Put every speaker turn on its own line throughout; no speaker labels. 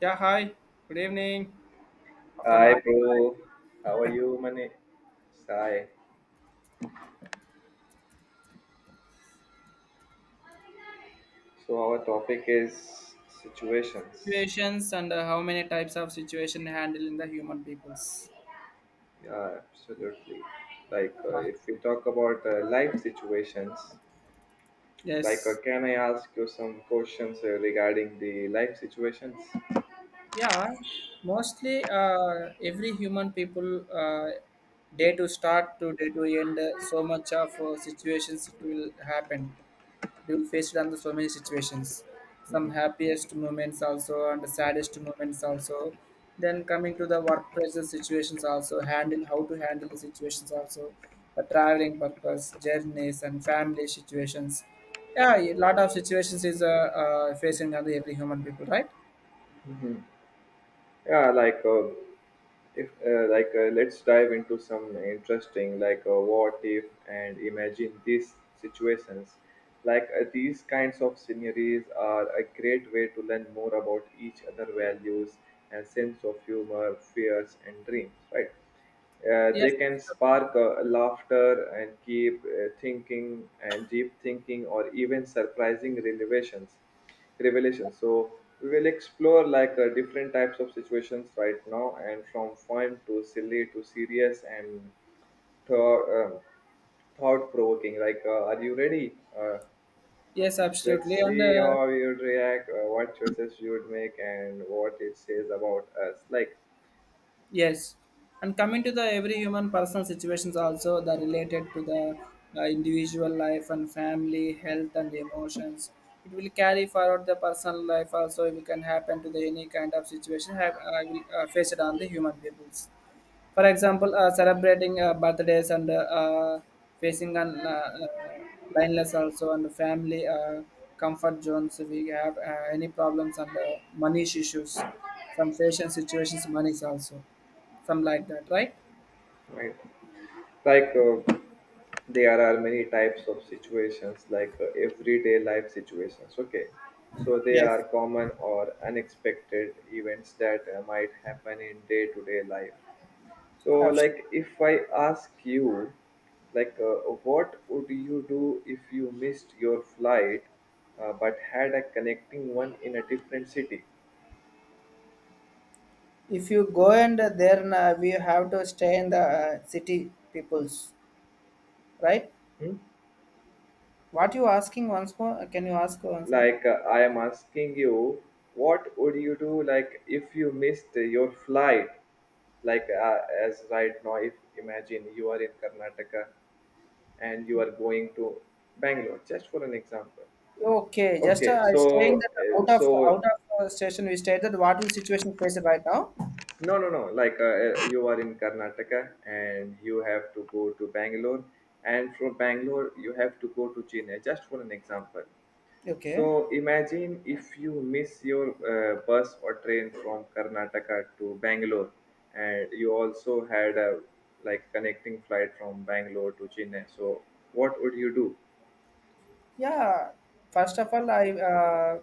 Yeah, hi. Good evening. After
Hi,
life
bro. How are you, Mani? Hi. So our topic is situations.
situations and how many types of situation handle in the human peoples?
Yeah, absolutely. Like
Yeah.
if we talk about life situations, like
Yes.
can I ask you some questions regarding the life situations?
Yeah. Mostly, every human people day to start to day to end. So much of situations it will happen. You faced on the so many situations, some happiest moments also and the saddest moments also, then coming to the work pressure situations also, handle how to handle the situations also, the traveling purpose journeys and family situations. Yeah, a lot of situations is facing on the every human people, right?
Mhm. Yeah, like if like let's dive into some interesting, like what if and imagine these situations. Like these kinds of scenarios are a great way to learn more about each other values and sense of humor, fears and dreams. Right? They
Yes,
can
absolutely.
spark laughter and keep thinking and deep thinking or even surprising revelations revelation. So we will explore, like different types of situations right now, and from fun to silly to serious and thought um, thought provoking. Like, are you ready?
Yes,
Let's
absolutely, and
see how you react, what choices you would make, and what it says about us. Like,
yes, and coming to the every human personal situations also the related to the individual life and family health and emotions. It will carry forward the personal life also. If it can happen to the any kind of situation, have I will face it on the human peoples. For example, celebrating birthdays and facing an lineless also and family comfort zones. We have any problems and money issues, some fashion situations, monies also, some like that, right?
right. Like there are many types of situations, like everyday life situations. Okay, so they are
Yes,
common or unexpected events that might happen in day to day life. So
absolutely.
like if I ask you, like what would you do if you missed your flight but had a connecting one in a different city?
If you go and then we have to stay in the city peoples, right?
Hmm?
What you asking once more? Can you ask once again?
Like I am asking you, what would you do, like if you missed your flight? Like as right now, if imagine you are in Karnataka and you are going to Bangalore, just for an example.
Okay, just
Okay,
I staying
so
that
uh,
out of
so
station we stayed, that what will situation faced right now?
no, no, no, like you are in Karnataka and you have to go to Bangalore, and from Bangalore you have to go to Chennai, just for an example. So
Okay.
imagine if you miss your bus or train from Karnataka to Bangalore, and you also had a, like, connecting flight from Bangalore to Chennai. So what would you do?
Yeah, first of all, I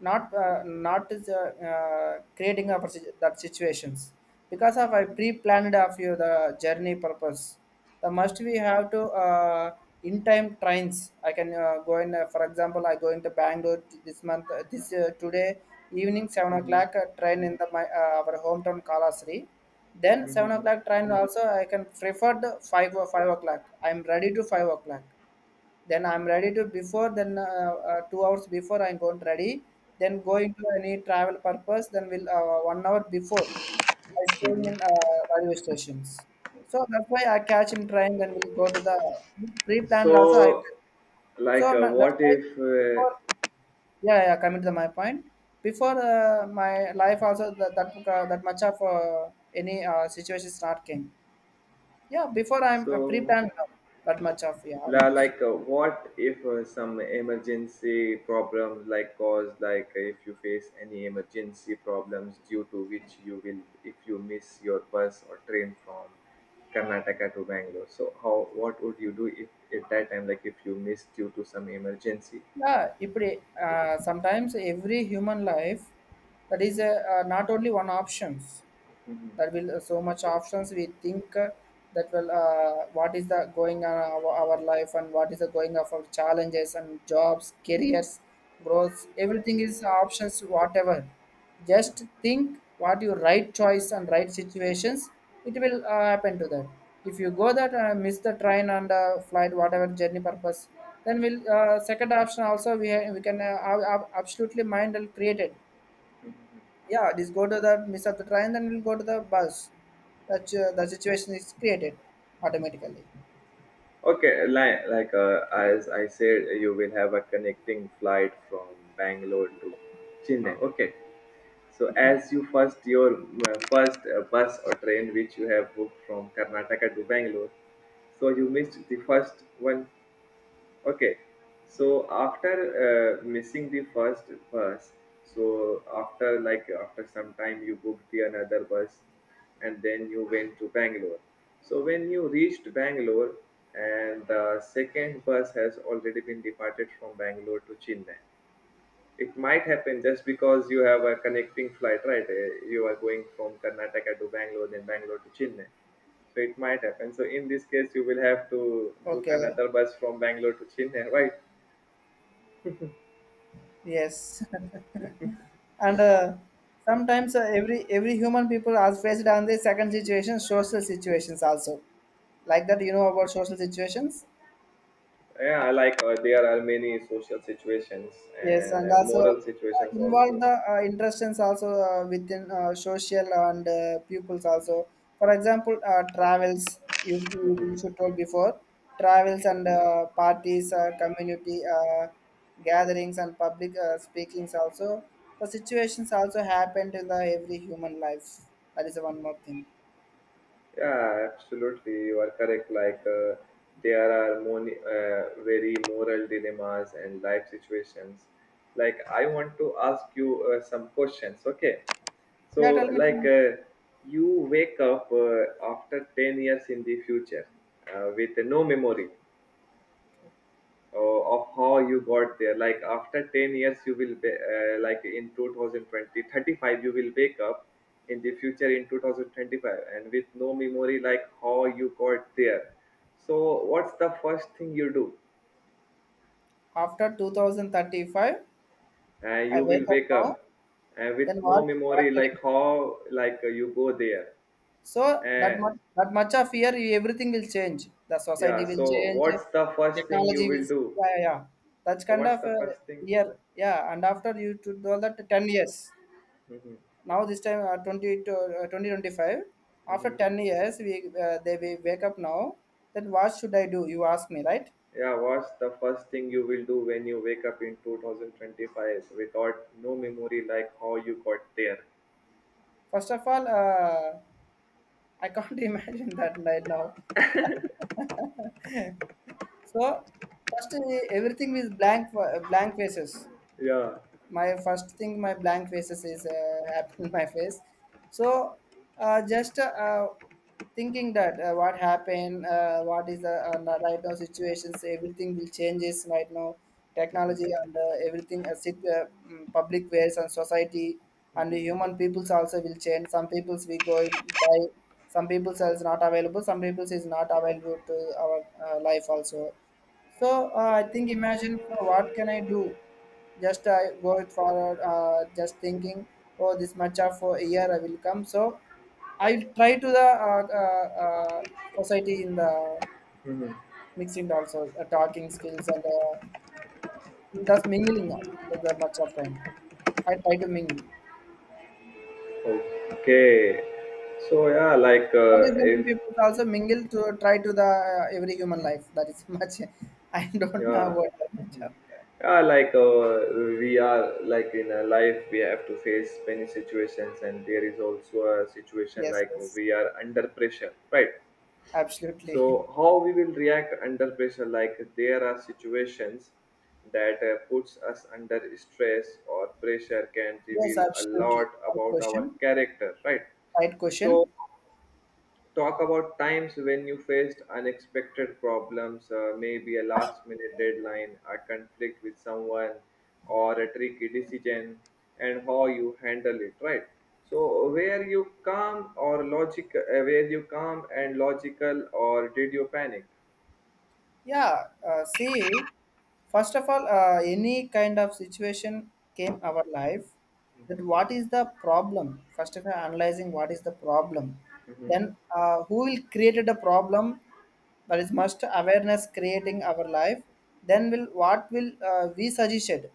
not not is, creating of that situations, because of I
Mhm,
pre-planned of you the journey purpose. The must we
mhm,
have to in time trains. I can go in. For example, I going to Bangalore this month. This today evening seven
mhm,
o'clock train in the my our hometown Kalasri. Then seven
mhm,
o'clock train also I can prefer the 5 or 5 o'clock. I'm ready to 5 o'clock, then I'm ready to before, then 2 hours before I'm going to ready, then going to any travel purpose, then will 1 hour before I
mhm,
staying
mhm.
in railway stations, so that's why I catch him train, then we'll go to the pre-planned also I
So
so
like
I'm not- that's
what
why
if
before, yeah, yeah, coming to my point, before my life also that much of any situations not came. Yeah, before I'm
so,
pre-planned now, that much of yeah
La,
awareness.
like, what if some emergency problems, like, cause, like, if you face any emergency problems due to which if you miss your bus or train from Karnataka to Bangalore. So, how, what would you do if at that time, like, if you miss due to some emergency?
Yeah, ఇప్పుడు sometimes every human life that is not only one options,
Mhm.
there will so much options we think that will what is the going on our life and what is the going of our challenges and jobs careers growth, everything is options whatever. Just think what your right choice and right situations, it will happen to that. If you go that miss the train and flight whatever journey purpose, then we'll second option also we can absolutely mind will created. Yeah, just go to the miss of the train, then we'll go to the bus. That's the situation is created automatically.
Okay, as I said, you will have a connecting flight from Bangalore to Chennai. Okay, so as you first your first bus or train which you have booked from Karnataka to Bangalore, so you missed the first one. Okay, so after missing the first bus, so after, like, after some time you booked the another bus, and then you went to Bangalore. So when you reached Bangalore, and the second bus has already been departed from Bangalore to Chennai, it might happen just because you have a connecting flight, right? You are going from Karnataka to Bangalore, then Bangalore to Chennai. So it might happen. So in this case, you will have to book
Okay.
another bus from Bangalore to Chennai, right?
Yes. And sometimes every human people are faced on the second situation social situations also, like that, you know about social situations.
Yeah, I, like there are many social situations
Yes,
and
and also
moral situations also.
involve the interests also within social and pupils also. For example, travels, you should told before travels and parties, community gatherings and public speakings also. The situations also happen in the every human life. That is one more thing.
Yeah, absolutely. You are correct. Like there are very moral dilemmas and life situations. Like I want to ask you some questions. Okay.
Yeah,
So
tell me, tell
like
me.
you wake up after 10 years in the future with no memory uh, of how you got there, like after 10 years you will be like in 2020 35 you will wake up in the future in 2025 and with no memory, like how you got there. So what's the first thing you do?
After 2035, I
You will
wake up
wake
now.
up with
Then
no
what?
memory,
What can
like
I,
how, like you go there.
so that
uh,
much of fear, everything will change. The
yeah,
society will
so
change,
what's the first thing you
technology
will
will,
do?
yeah, yeah, yeah. That's
So
kind
what's
of
the first thing?
year, yeah. And after you to do all that 10 years.
Mm-hmm.
Now this time uh, 20 to uh, 2025. After
Mm-hmm.
10 years, we wake up now. Then what should I do? You ask me right.
Yeah, what's the first thing you will do when you wake up in 2025 without no memory, like how you got there?
First of all, I can't imagine that right now. So first everything is blank blank faces,
Yeah.
my first thing my blank faces is happened my face, so just thinking that what happened, what is the right now situations, everything will changes right now, technology and everything public ways and society and the
Mhm.
human peoples also will change, some peoples we go by, some peoples is not available to our life also. So I think imagine, for what can I do? Just I go it forward, just thinking, oh, this much of for a year I will come. So I try to the society in the
Mhm.
mixing also talking skills and thus mingling out the much of kind. I try to mingle.
Okay. So yeah, like
That is human
if,
people also mingle to try to the every human life. That is much. I don't know
yeah,
what, that much of.
yeah, like we are, like, in a life we have to face many situations, and there is also a situation,
Yes,
like
yes,
we are under pressure, right? So
absolutely.
how we will react under pressure? Like, there are situations that puts us under stress or pressure can
Yes,
reveal a lot
absolutely. Right
about our
question.
character, right?
Right
So
question.
talk about times when you faced unexpected problems, maybe a last minute deadline, a conflict with someone, or a tricky decision, and how you handle it, right? So, where you calm or logic, where you calm and logical, or did you panic?
Yeah. See, first of all, any kind of situation came our life. That what is the problem? First of all, analyzing what is the problem. Then who will created the problem? That is must awareness creating our life. Then will what will we suggested?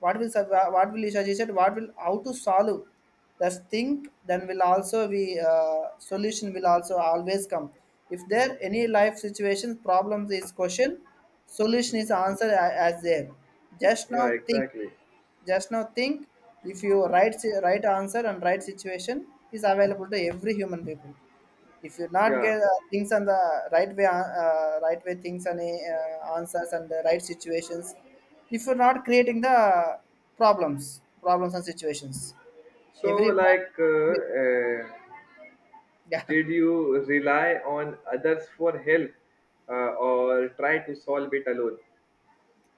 What what will Isha ji, what will, how to solve the thing, then will also be solution will also always come. If there any life situations problems is question, solution is
Mhm.
answer, as there. Just
Yeah,
now think,
exactly.
just now think, if you right right answer and right situation is available to every human people. If you not
Yeah.
get things on the right way, right way things and answers and the right situations, if you're not creating the problems, problems and situations,
So,
every problem,
like,
yeah.
did you rely on others for help or try to solve it alone?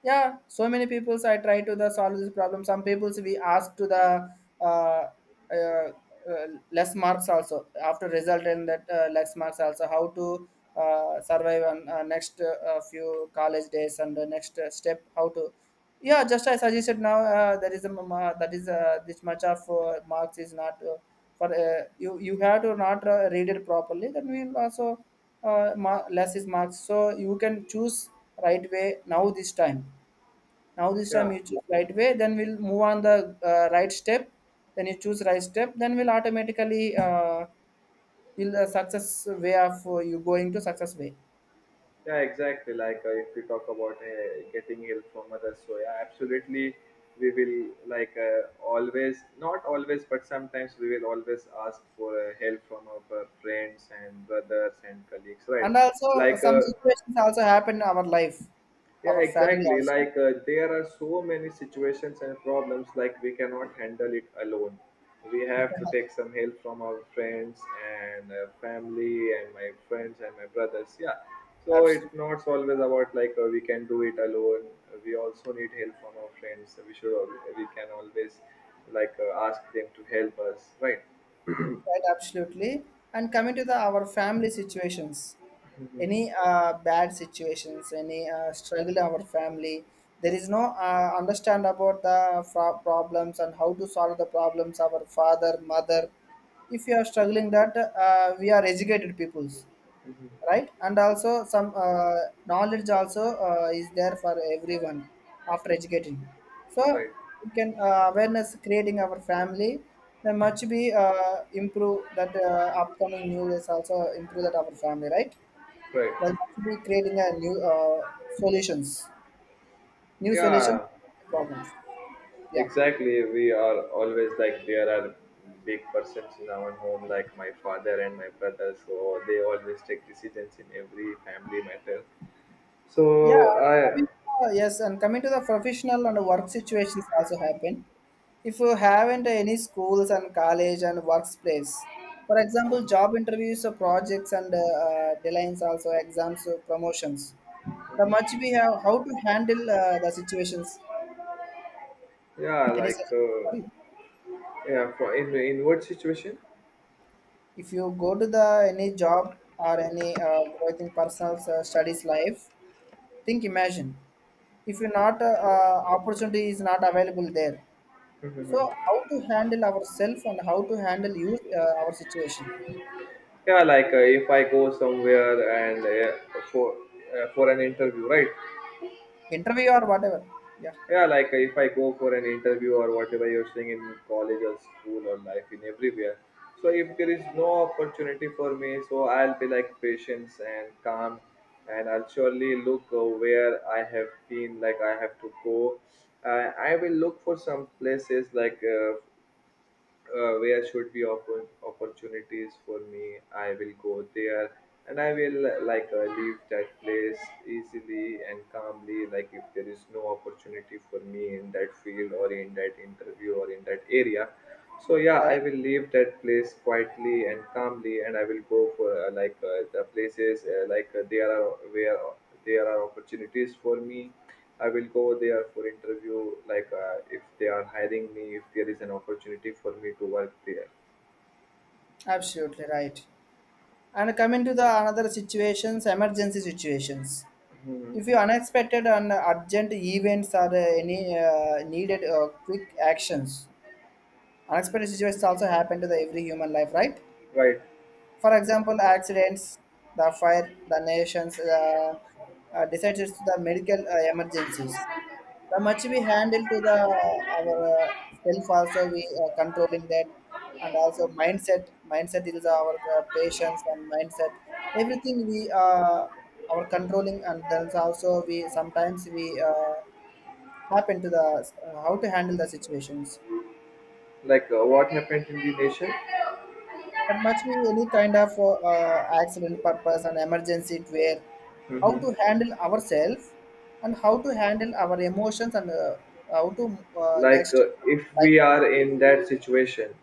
Yeah, so many peoples I try to the solve this problem. Some peoples we ask to the uh, less marks also after result in that less marks also how to survive on next few college days and the next step how to. Yeah, just I suggested now, there is a that is this much of marks is not for you have to not read it properly, then we will also less is marks, so you can choose right way. Now this time,
Yeah,
you choose right way, then we'll move on the right step, then you choose right step, then we'll automatically will the success way of you going to success way.
yeah, exactly. Like if we talk about getting help from others, so yeah, absolutely, we will, like always, not always, but sometimes we will always ask for help from our friends and brothers and colleagues, right?
And also
Like
some situations also happen in our life,
yeah,
our family
exactly.
also.
Like there are so many situations and problems, like we cannot handle it alone. We have to take some help from our friends and family and my friends and my brothers. Yeah. So it's
Absolutely.
not always about, like we can do it alone. We also need help from our friends. We can always, like ask them to help us. Right.
Right, absolutely. And coming to the our family situations, any bad situations, any struggle in our family, there is no understand about problems and how to solve the problems. Our father, mother, if you are struggling that, we are educated peoples,
Mhm.
right? And also some knowledge also is there for everyone after educating. So
Right.
we can awareness creating our family. There much be improve that upcoming new is also improve that our family, right?
Right.
There must be creating a new solutions, new solution
Yeah.
problems. Yeah.
Exactly, we are always, like, there are big persons in our home, like my father and my brother, so they always take decisions in every family matter. So
Yeah,
I,
coming to, yes, and coming to the professional and work situations also happen. If you haven't any schools and college and workplace, for example, job interviews or projects and deadlines also exams or promotions. The much we have how to handle the situations.
yeah,
Any
like
suggestion for you?
yeah, for in what situation?
If you go to the any job or any growth in personal studies life, think imagine, if you not opportunity is not available there, so
Mhm.
how to handle ourselves and how to handle you our situation,
Yeah, like if I go somewhere and for for an interview, right?
interview or whatever. Yeah,
Yeah, like if I go for an interview or whatever you're saying, in college or school or life, in everywhere, so if there is no opportunity for me, so I'll be like patient and calm, and I'll surely look where I have been, like I have to go. I will look for some places, like where should be open opportunities for me. I will go there, and I will like leave that place easily and calmly, like if there is no opportunity for me in that field or in that interview or in that area. So yeah, I
right.
will leave that place quietly and calmly, and I will go for like the places like there are, where there are opportunities for me. I will go there for interview, like if they are hiring me, if there is an opportunity for me to work there.
Absolutely right. And coming to the another situations, emergency situations.
Hmm.
If you unexpected and urgent events or any needed quick actions, unexpected situations also happen to the every human life, right?
Right.
For example, accidents, the fire, the nations, the disasters, the medical emergencies. The much we handle to the our uh, self also we are controlling that, and also mindset. Mindset is our patience and mindset. Everything we our controlling and there's also we sometimes we happen to the how to handle the situations.
Like what happened in the nation?
That must be any kind of accident purpose and emergency it where, how
Hmm.
to handle ourselves and how to handle our emotions and how to
Like
next,
if
like
we
that.
are in that situation,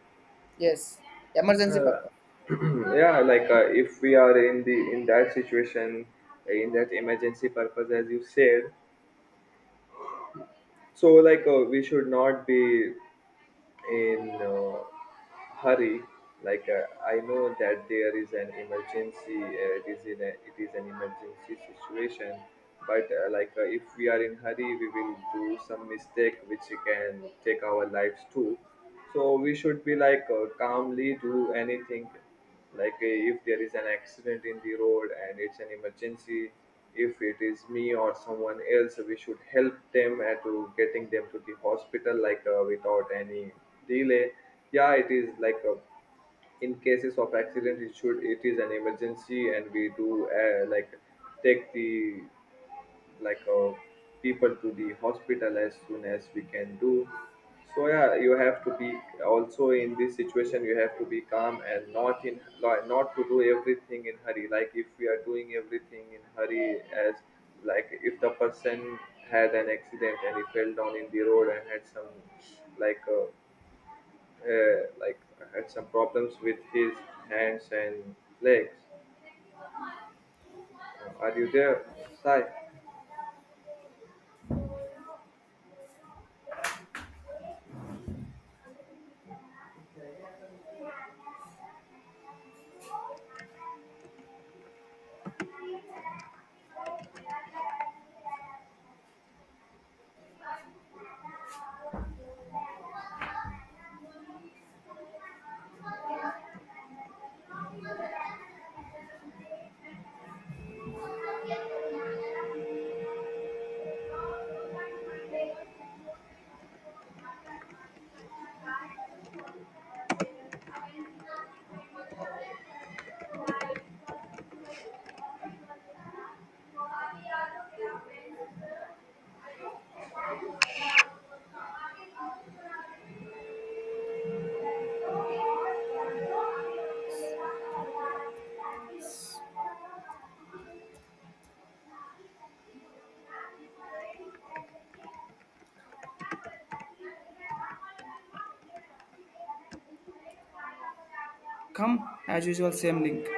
Yes, emergency
uh,
purpose.
yeah, like if we are in that situation, in that emergency purpose, as you said, so like we should not be in hurry. Like I know that there is an emergency. It is an emergency situation. But like if we are in hurry we will do some mistake which can take our lives too, so we should be, like calmly do anything. Like if there is an accident in the road and it's an emergency, if it is me or someone else we should help them and to getting them to the hospital, like without any delay. Yeah, it is like a, in cases of accident, it should, it is an emergency, and we do like take the, like people to the hospital as soon as we can do. So yeah, you have to be also in this situation, you have to be calm and not in, like, not to do everything in hurry, like if we are doing everything in hurry. As like if the person had an accident and he fell down in the road and had some, like like, had some problems with his hands and legs. Are you there, sai?
Come as usual, same link.